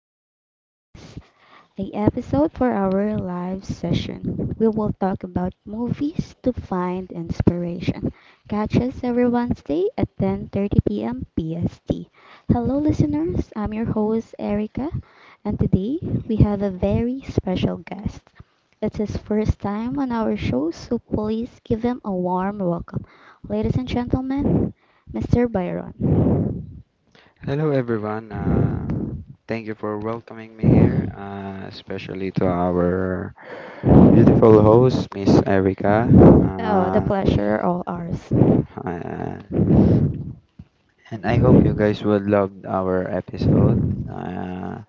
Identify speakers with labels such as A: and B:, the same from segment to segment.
A: Anime Podcast, a episode for our live session. We will talk about movies to find inspiration. Catch us every Wednesday at 10:30 p.m. PST. Hello listeners, I'm your host Erica, and today we have a very special guest. It's his first time on our show, so please give him a warm welcome. Ladies and gentlemen, Mr. Byron.
B: Hello, everyone. Thank you for welcoming me here, especially to our beautiful host, Miss Erica.
A: Oh, the
B: Uh,
A: pleasure all ours.
B: uh, and I hope you guys would love our episode. Uh,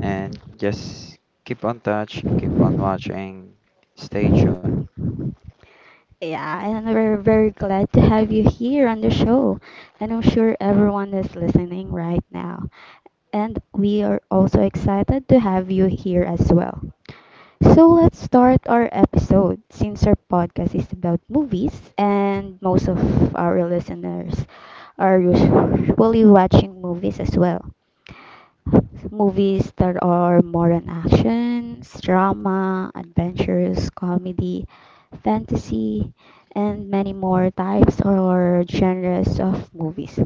B: and just keep on touch, keep on watching, stay tuned.
A: Yeah, and we're very glad to have you here on the show. And I'm sure everyone is listening right now. And we are also excited to have you here as well. So let's start our episode since our podcast is about movies and most of our listeners are usually watching movies as well. Movies that are more on action, drama, adventures, comedy, fantasy, and many more types or genres of movies.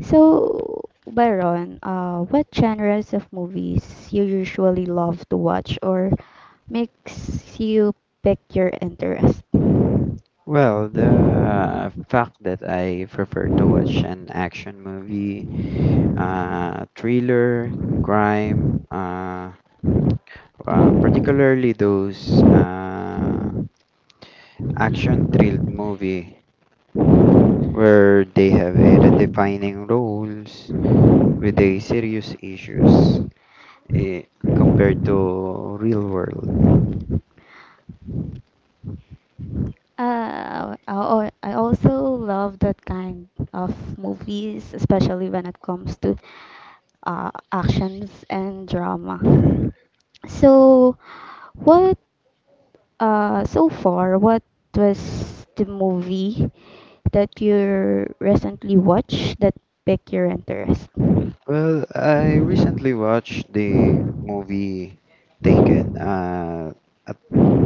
A: So, Byron, what genres of movies you usually love to watch or makes you pick your interest?
B: Well, the fact that I prefer to watch an action movie, thriller, crime, particularly those action-thrilled movie where they have a redefining roles with a serious issues eh, compared to real world.
A: I also love that kind of movies, especially when it comes to actions and drama. So, what so far, what was the movie that you recently watched that piqued your interest?
B: Well, I recently watched the movie Taken. A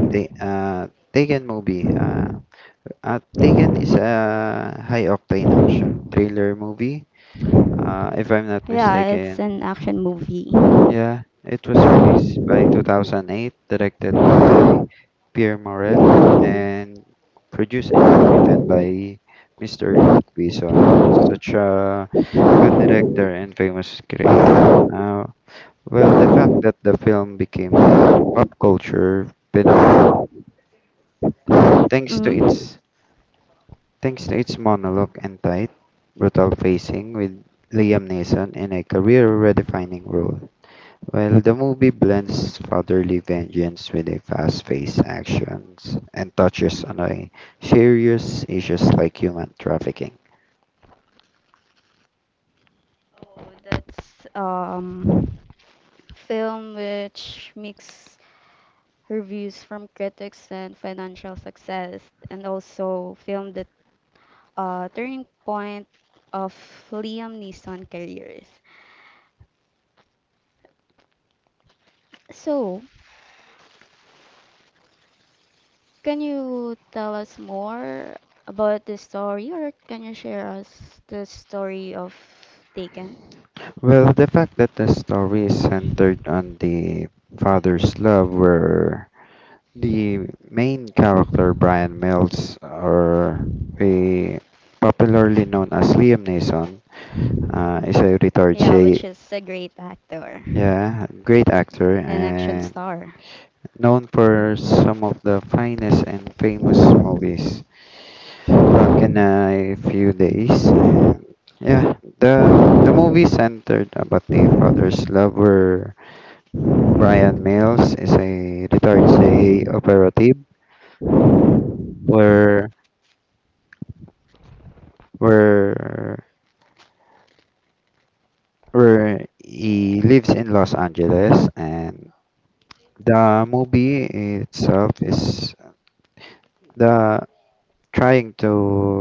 B: ta- uh, Taken movie. Taken is a high octane action thriller movie. If I'm not
A: Yeah, it's
B: mistaken,
A: an action movie.
B: yeah, it was released by 2008, directed by Pierre Morel, and produced and co-written by Mr. Luc Besson, such a good director and famous creator. Well, the fact that the film became a pop culture phenomenon, thanks to
A: Mm-hmm.
B: its thanks to its monologue and tight, brutal facing with Liam Neeson in a career-redefining role. Well, the movie blends fatherly vengeance with a fast-paced actions and touches on a serious issues like human trafficking.
A: Oh, that's film which mix reviews from critics and financial success, and also film that turning point of Liam Neeson careers. So, can you tell us more about the story, or can you share us the story of Taken?
B: Well, the fact that the story is centered on the father's love, where the main character Brian Mills, or a popularly known as Liam Neeson, is a retired,
A: Yeah, which
B: say,
A: is a great actor,
B: yeah, great actor
A: an action
B: and
A: star.
B: known for some of the finest and famous movies back in a few days. And yeah, the movie centered about the father's lover. Brian Mills is a retired CIA operative where where where he lives in Los Angeles, and the movie itself is the trying to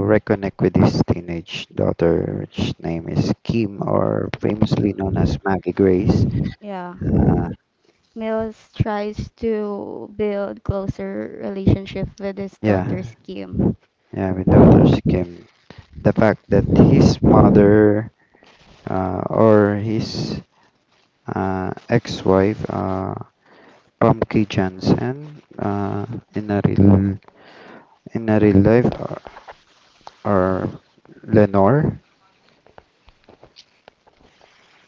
B: reconnect with his teenage daughter, which name is Kim, or famously known as Maggie Grace.
A: Yeah.
B: Uh,
A: Mills tries to build closer relationship with his
B: yeah,
A: daughter's Kim.
B: yeah, with daughter's Kim. The fact that his mother or his ex-wife, Pumpkin Johnson, in a real in a real life, or Lenore,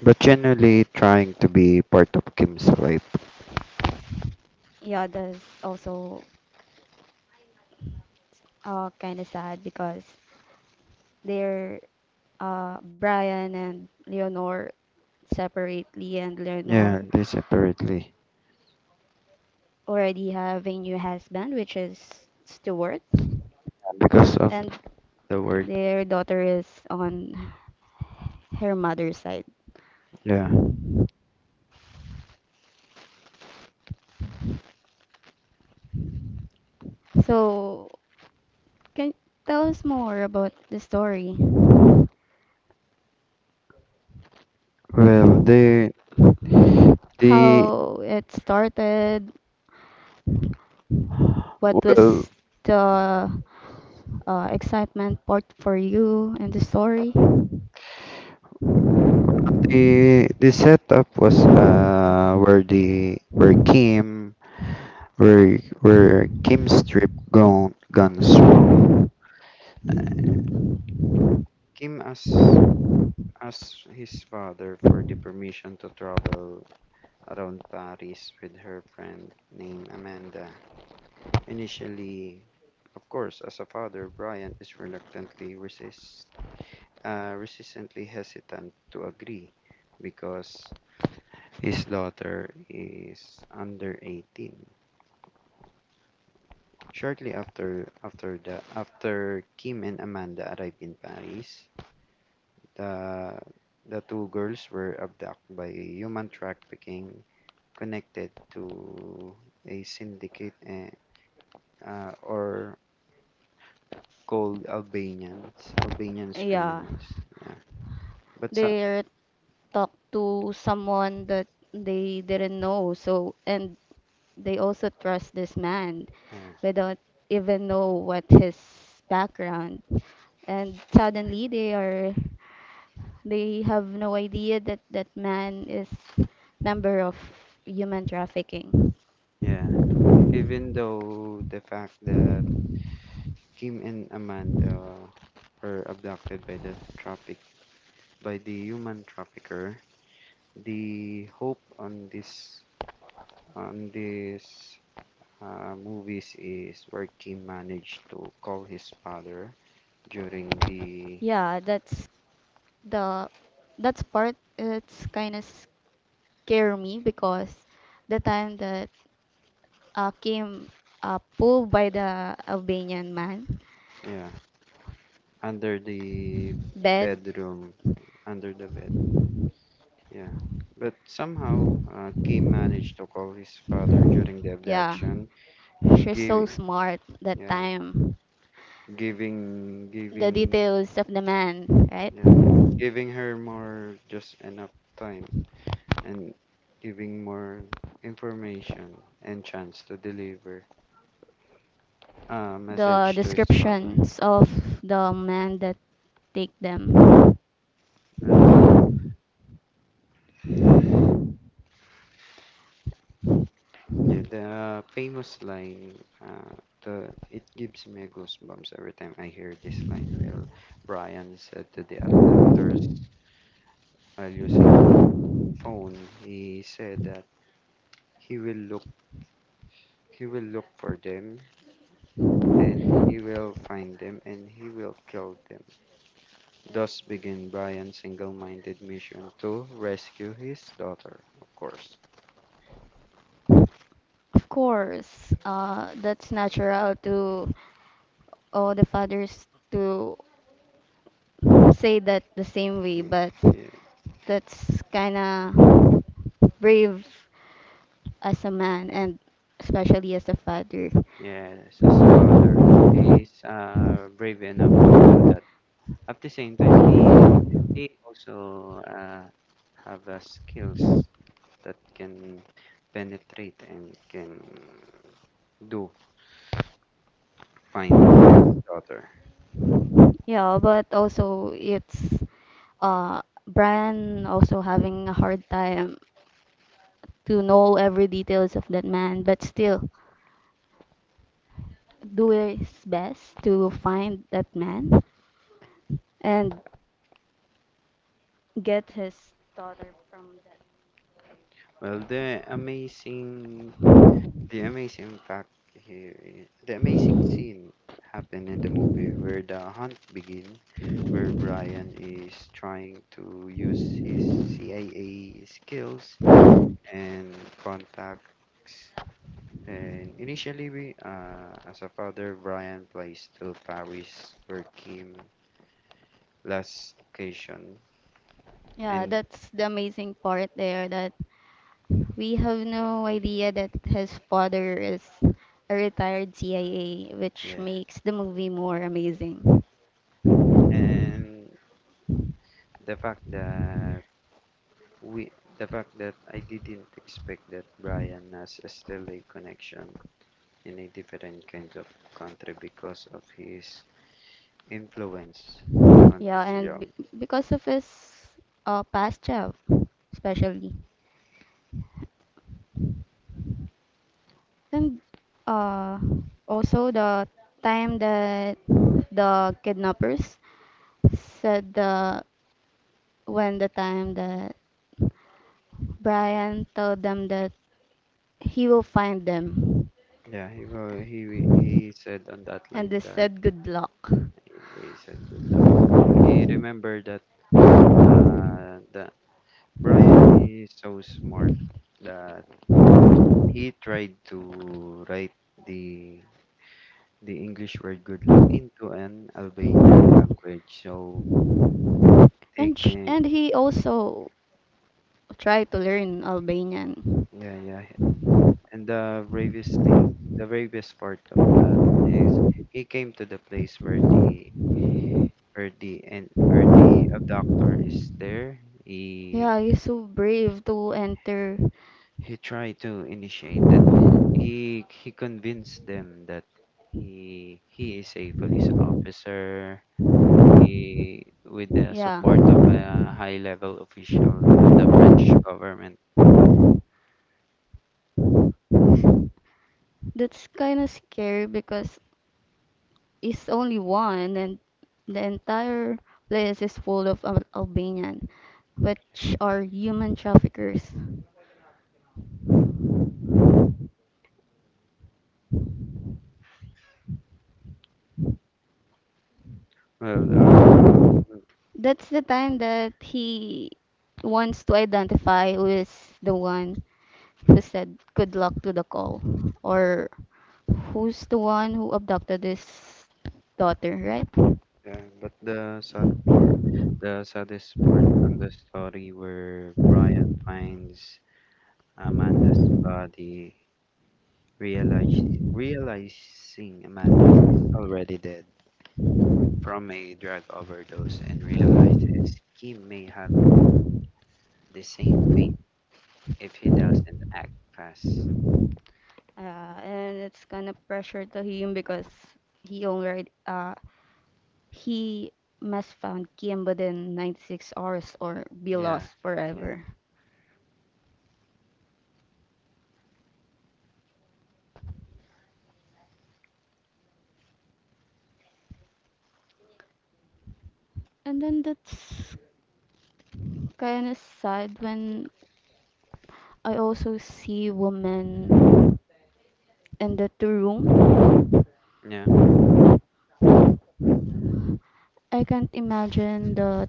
B: but generally trying to be part of Kim's life.
A: Yeah, that's also kind of sad because they're Brian and Leonor separately, and
B: Yeah,
A: Leonor
B: they separately
A: already have a new husband, which is Stuart,
B: because of
A: and
B: the word.
A: their daughter is on her mother's side.
B: Yeah.
A: So can you tell us more about the story?
B: Well, the the
A: How it started? What
B: well
A: was the excitement part for you in the story?
B: the the setup was where the where where Kim stripped gone guns wrong. Kim asked his father for the permission to travel around Paris with her friend named Amanda. Initially, of course, as a father, Brian is reluctantly resists, resistantly hesitant to agree because his daughter is under 18. Shortly after Kim and Amanda arrived in Paris, the the two girls were abducted by human trafficking connected to a syndicate, or called Albanians, Albanians
A: Yeah,
B: criminals. Yeah, but so,
A: they talked to someone that they didn't know, so and they also trust this man
B: yeah,
A: without even know what his background. And suddenly they are, they have no idea that that man is member of human trafficking.
B: yeah even though the fact that Kim and Amanda were abducted by the human trafficker. The hope on this movies is where Kim managed to call his father during the,
A: Yeah, that's the that's part it's kind of scare me because the time that came pulled by the Albanian man
B: yeah, under the
A: bed,
B: bedroom, under the bed, yeah. But somehow, Kim managed to call his father during the
A: yeah,
B: abduction.
A: she's
B: Gave,
A: so smart that
B: yeah,
A: time,
B: giving
A: the
B: giving
A: details of the man, right,
B: yeah. Giving her more just enough time and giving more information and chance to deliver a
A: the
B: message to his father.
A: descriptions of the men that take them.
B: Well, yeah, the famous line, uh, the it gives me goosebumps every time I hear this line. Well, Brian said to the abductors while using phone, he said that he will look he will look for them, and he will find them, and he will kill them. Thus begin Brian's single-minded mission to rescue his daughter. Of course,
A: Of course, that's natural to all the fathers to say that the same way,
B: Y-
A: but
B: y-
A: that's kind of brave as a man and especially as a father.
B: yes, as a father, he's brave enough to do that. At the same time, he also have skills that can penetrate and can do find the daughter.
A: Yeah, but also it's uh, Brian also having a hard time to know every details of that man, but still do his best to find that man and get his daughter from that.
B: Well, the amazing fact here, the amazing scene happened in the movie where the hunt begins, where Brian is trying to use his CIA skills and contacts. And initially, we, as a father, Brian flies to Paris, where Kim last location,
A: Yeah,
B: and
A: that's the amazing part there that we have no idea that his father is a retired CIA, which
B: yeah,
A: makes the movie more amazing.
B: and the fact that we the fact that I didn't expect that Brian has still a connection in a different kind of country because of his influence on
A: Yeah,
B: his
A: and
B: job.
A: b- because of his past job, especially. And uh, also the time that the kidnappers said the when the time that Brian told them that he will find them,
B: Yeah, he wa- he said on that
A: and they
B: line that
A: said good luck.
B: they said good luck. He remembered that Brian is so smart that he tried to write the the English word good luck into an Albanian language so they
A: And
B: can.
A: he also tried to learn Albanian.
B: Yeah, yeah. And the bravest thing, the bravest part of that is he came to the place where the and where the abductor is there. He
A: Yeah, you're so brave to enter.
B: he tried to initiate that. He convinced them that he is a police officer. He with the
A: Yeah.
B: support of a high level official on the French government.
A: That's kind of scary because is only one, and the entire place is full of Albanian, which are human traffickers.
B: Well, um,
A: That's the time that he wants to identify who is the one who said good luck to the call, or who's the one who abducted his daughter, right?
B: Yeah, but the sad part, the saddest part on the story where Brian finds Amanda's body, realize, realizing Amanda is already dead from a drug overdose and realizes he may have the same fate if he doesn't act fast.
A: And it's kind of pressure to him because he already he must found Kim within 96 hours or be
B: Yeah,
A: lost
B: yeah,
A: forever. And then that's kind of sad when I also see women in the two room.
B: yeah,
A: I can't imagine the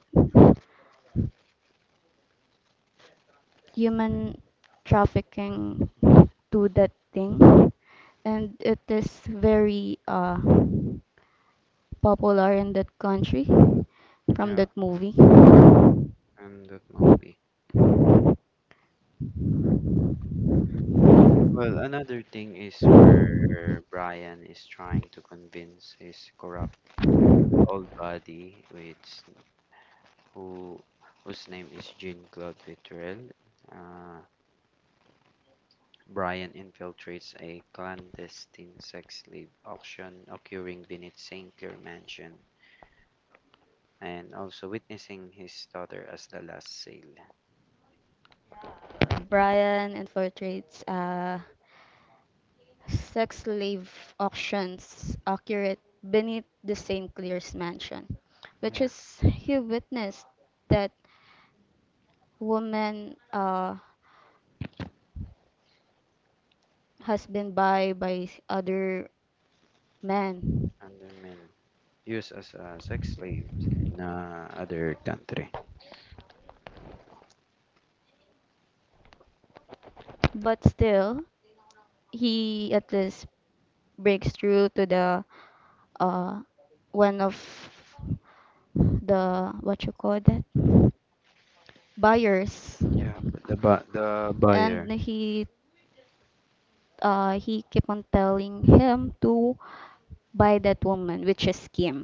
A: human trafficking to that thing. And it is very popular in that country from that
B: yeah,
A: movie.
B: and that movie. Well, another thing is where Brian is trying to convince his corrupt old body, which who whose name is Jean Claude Vittrell. Uh, Brian infiltrates a clandestine sex slave auction occurring beneath Saint Clair Mansion, and also witnessing his daughter as the last sale.
A: Brian infiltrates sex slave auctions occurred beneath the St. Clair's mansion, which
B: Yeah,
A: is he witnessed that woman has been buy by other men.
B: undermen used as a sex slave in, other country.
A: But still, he at least breaks through to the uh, one of the what you call that buyers
B: Yeah, but the
A: and
B: buyer.
A: he kept on telling him to buy that woman, which is Kim.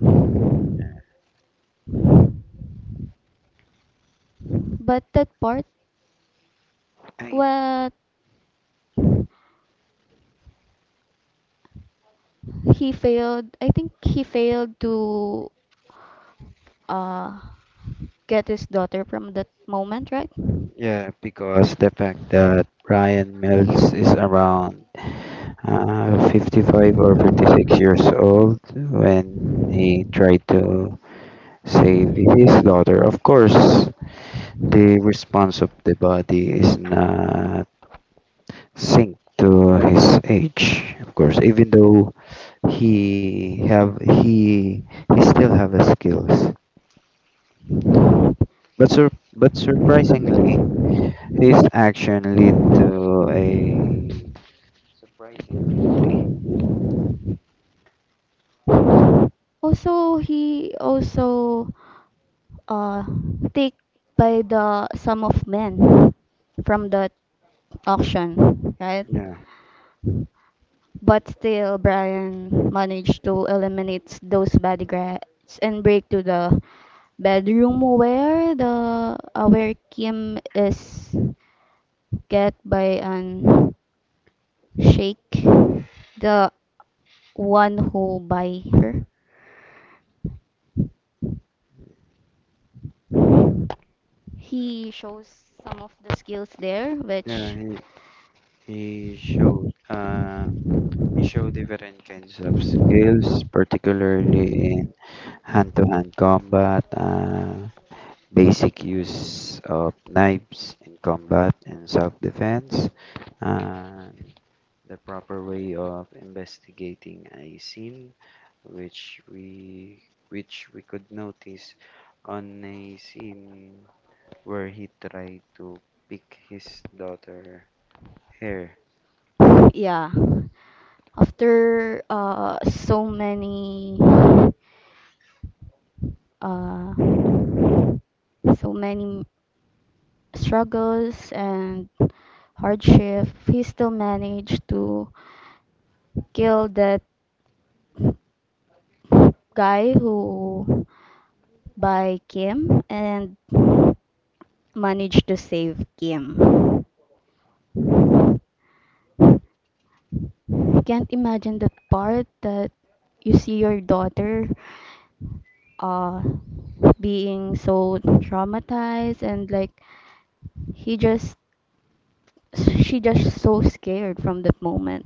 A: But that part,
B: I,
A: what he failed, I think he failed to uh, get his daughter from that moment, right?
B: yeah, because the fact that Brian Mills is around, 55 or 56 years old when he tried to save his daughter. Of course, the response of the body is not synced to his age. Of course, even though he have he he still have the skills, but surprisingly, his action lead to a surprising entry.
A: Also, he also uh, take by the sum of men from that auction, right?
B: Yeah,
A: But still, Brian managed to eliminate those bodyguards and break to the bedroom where the where Kim is get by an shake the one who by her he shows some of the skills there,
B: yeah,
A: which
B: he showed. We show different kinds of skills, particularly in hand-to-hand combat, basic use of knives in combat and self-defense, and the proper way of investigating a scene, which we which we could notice on a scene where he tried to pick his daughter hair.
A: yeah after uh so many struggles and hardship he still managed to kill that guy who by Kim and managed to save Kim. Can't imagine that part that you see your daughter uh being so traumatized and like he just she just so scared from that moment.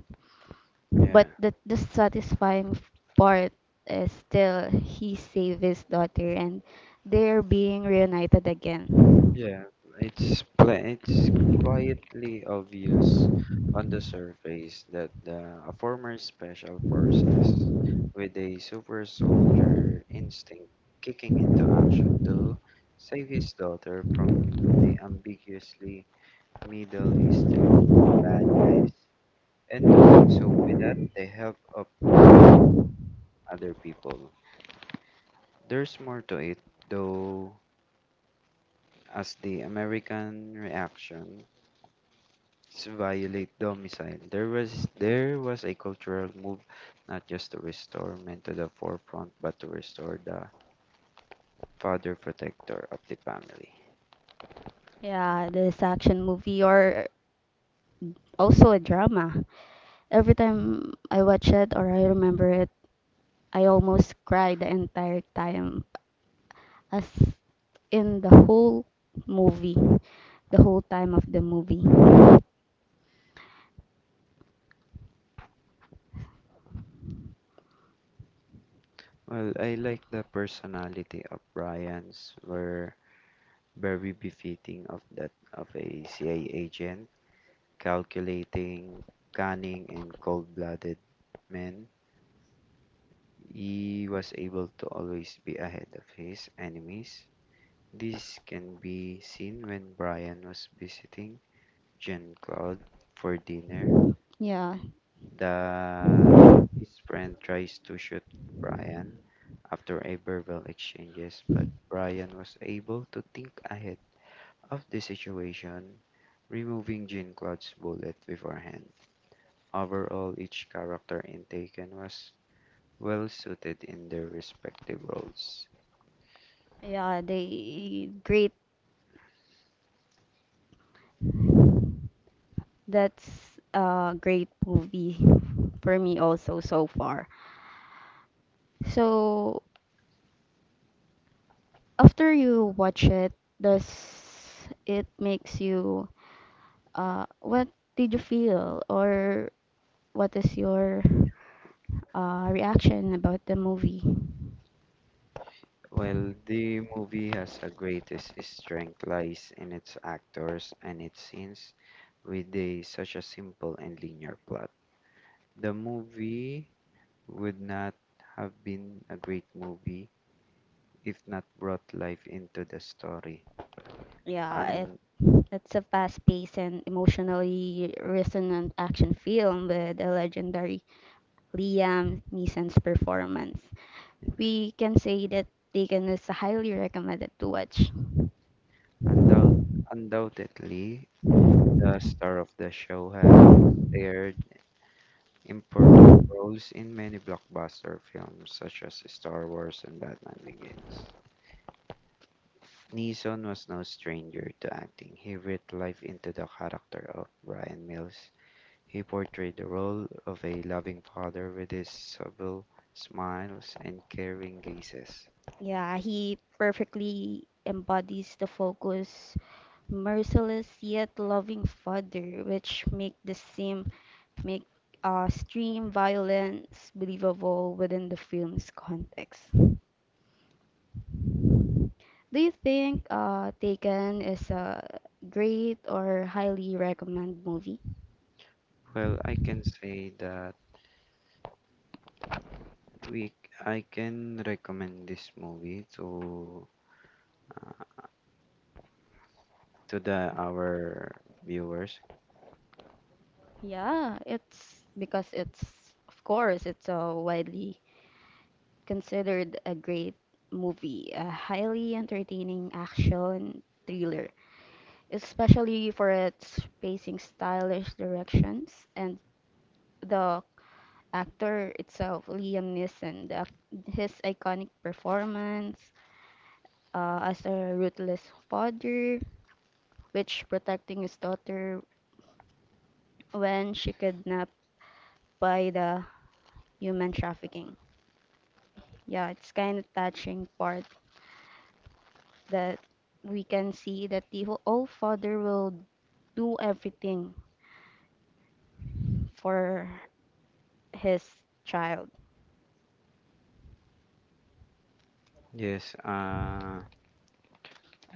B: Yeah.
A: But the dissatisfying part is still he saved his daughter and they're being reunited again.
B: Yeah, it's quietly obvious on the surface that the a former special forces with a super soldier instinct kicking into action to save his daughter from the ambiguously Middle Eastern bad guys, and doing so without the help of the other people. There's more to it, though, as the American reaction to violate domicile. There was a cultural move not just to restore men to the forefront but to restore the father protector of the family.
A: Yeah, this action movie or also a drama. Every time I watch it or I remember it, I almost cry the entire time. As in the whole movie, the whole time of the movie.
B: Well, I like the personality of Brian's were very befitting of that of a CIA agent, calculating, cunning and cold-blooded man. He was able to always be ahead of his enemies. This can be seen when Brian was visiting Jean Claude for dinner.
A: Yeah,
B: The His friend tries to shoot Brian after a verbal exchanges, but Brian was able to think ahead of the situation, removing Jean Claude's bullet beforehand. Overall, each character in Taken was well suited in their respective roles.
A: yeah, they great. That's a great movie for me also so far. So after you watch it, does it makes you uh, what did you feel or what is your reaction about the movie?
B: Well, the movie has a greatest strength lies in its actors and its scenes with a, such a simple and linear plot. The movie would not have been a great movie if not brought life into the story.
A: Yeah, it,
B: And
A: it's a fast-paced and emotionally resonant action film with a legendary Liam Neeson's performance. We can say that Taken is highly recommended to watch.
B: undoubt, undoubtedly, the star of the show having starred important roles in many blockbuster films such as Star Wars and Batman Begins. Neeson was no stranger to acting. He breathed life into the character of Brian Mills. He portrayed the role of a loving father with his subtle smiles and caring gazes.
A: Yeah, he perfectly embodies the focus, merciless yet loving father, which make the same make extreme violence believable within the film's context. Do you think Taken is a great or highly recommend movie?
B: Well, I can say that we I can recommend this movie to, uh, to the our viewers.
A: Yeah, it's because it's of course it's a widely considered a great movie, a highly entertaining action thriller, especially for its pacing, stylish directions, and the actor itself, Liam Neeson, his iconic performance as a ruthless father, which protecting his daughter when she kidnapped by the human trafficking. Yeah, it's kind of touching part that we can see that the old father will do everything for his child.
B: Yes,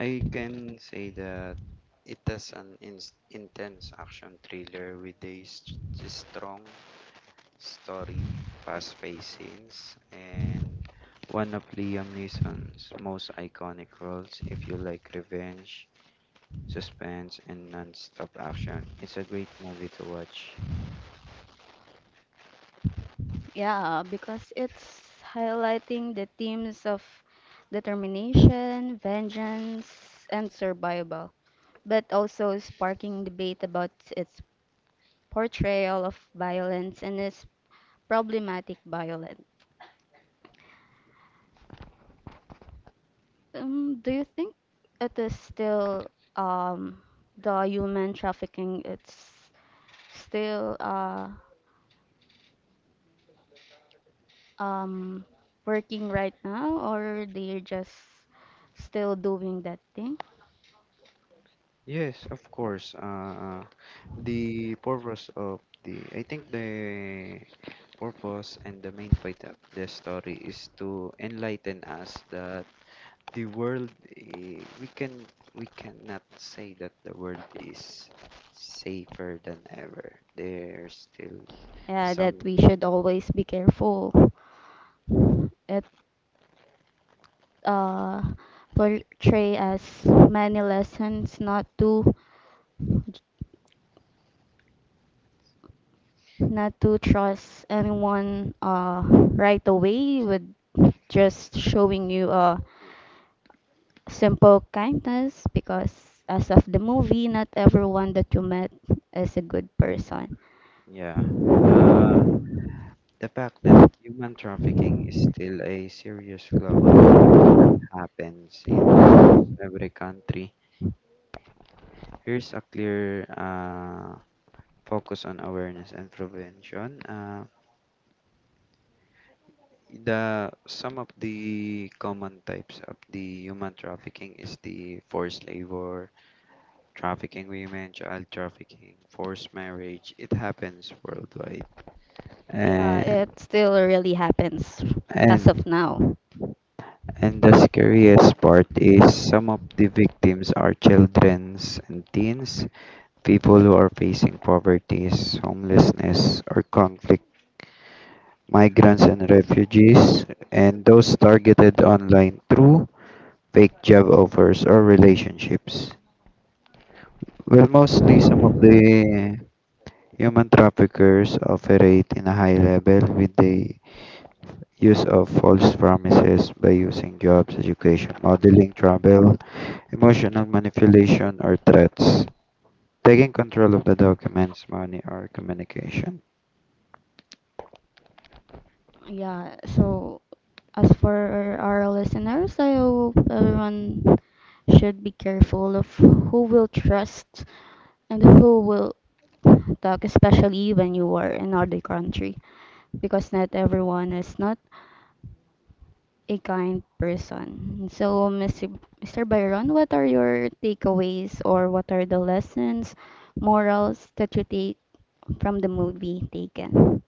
B: I can say that it has an intense action thriller with a strong story, fast paced scenes, and one of Liam Neeson's most iconic roles. If you like revenge, suspense, and non stop action, it's a great movie to watch.
A: Yeah, because it's highlighting the themes of determination, vengeance, and survival, but also sparking debate about its portrayal of violence and its problematic violent. Do you think it is still the human trafficking? It's still um working right now, or they're just still doing that thing?
B: Yes, of course. The purpose of the, I think the purpose and the main point of the story is to enlighten us that the world, eh, we can we cannot say that the world is safer than ever. There's still
A: Yeah, that
B: some,
A: we should always be careful. It uh, portray as many lessons not to trust anyone right away with just showing you a simple kindness because as of the movie not everyone that you met is a good person.
B: yeah, the the fact that human trafficking is still a serious global crime that happens in almost every country. Here's a clear focus on awareness and prevention. The Some of the common types of the human trafficking is the forced labor, trafficking women, child trafficking, forced marriage. It happens worldwide.
A: Yeah,
B: And
A: it still really happens as
B: and
A: of now.
B: and the scariest part is some of the victims are childrens and teens, people who are facing poverty, homelessness or conflict, migrants and refugees, and those targeted online through fake job offers or relationships. Well, mostly some of the human traffickers operate in a high level with the use of false promises by using jobs, education, modeling, travel, emotional manipulation, or threats. Taking control of the documents, money, or communication.
A: Yeah, so as for our listeners, I hope everyone should be careful of who will trust and who will talk, especially when you are in other country, because not everyone is not a kind person. So, Mr. Byron, what are your takeaways or what are the lessons, morals that you take from the movie Taken?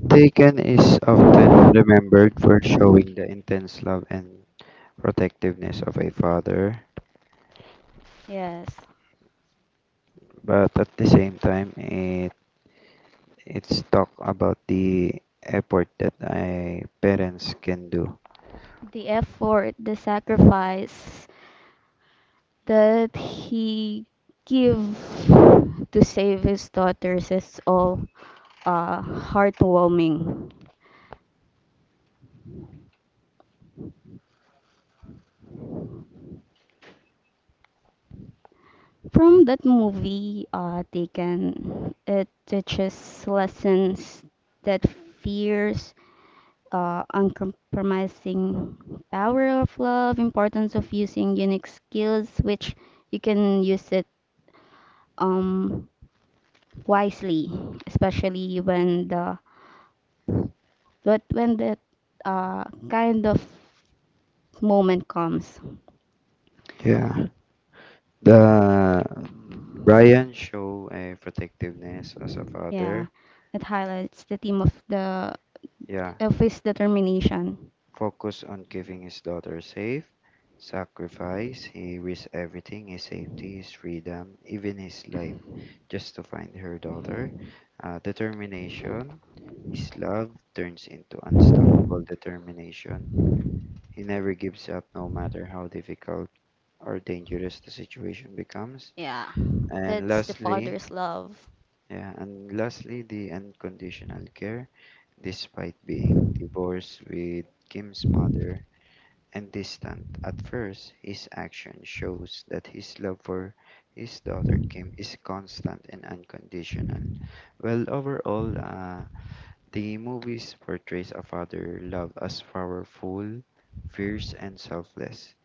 B: Taken is often remembered for showing the intense love and protectiveness of a father,
A: Yes.
B: but at the same time, it's talk about the effort that a parents can do.
A: The effort, the sacrifice that he gave to save his daughters is all heartwarming. From that movie, Taken, it teaches lessons that fears, uncompromising power of love, importance of using unique skills, which you can use it um wisely, especially when the but when that uh, kind of moment comes.
B: Yeah. The Brian show a protectiveness as a
A: Yeah,
B: father.
A: that highlights the theme of the
B: Yeah,
A: of his determination.
B: focus on keeping his daughter safe. Sacrifice. He risks everything: his safety, his freedom, even his life, just to find her daughter. Determination. His love turns into unstoppable determination. He never gives up, no matter how difficult or dangerous the situation becomes.
A: Yeah,
B: And
A: that's the
B: lastly,
A: father's love.
B: yeah, and lastly, the unconditional care. Despite being divorced with Kim's mother and distant at first, his action shows that his love for his daughter Kim is constant and unconditional. Well, overall, the movies portrays a father love as powerful, fierce, and selfless.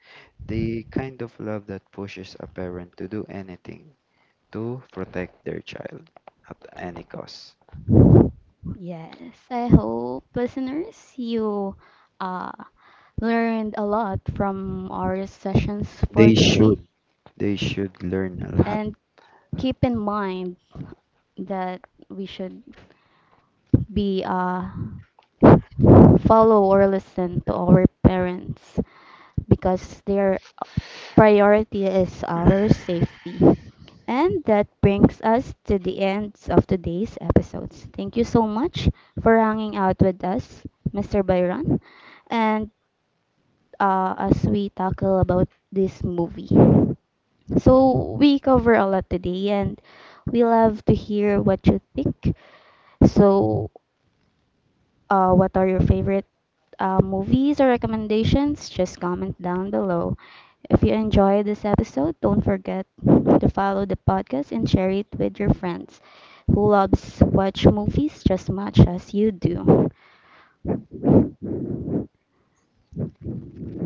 B: The kind of love that pushes a parent to do anything to protect their child at any cost.
A: Yes, I hope listeners you uh learned a lot from our sessions for
B: They
A: today.
B: should. They should learn a lot.
A: And keep in mind that we should be follow or listen to our parents because their priority is our safety. And that brings us to the end of today's episodes. Thank you so much for hanging out with us, Mr. Byron, and as we tackle about this movie. So we cover a lot today, and we love to hear what you think. So, what are your favorite movies or recommendations? Just comment down below. If you enjoyed this episode, don't forget to follow the podcast and share it with your friends who loves watch movies just much as you do.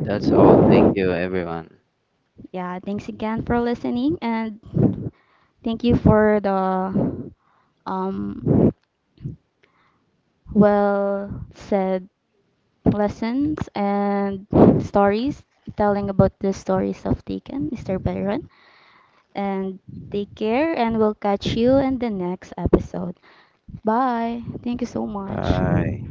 B: That's all. Thank you, everyone.
A: Yeah, thanks again for listening and thank you for the um well said lessons and stories, telling about the stories of Taken, Mr. Byron. And take care, and we'll catch you in the next episode. Bye. Thank you so much.
B: Bye.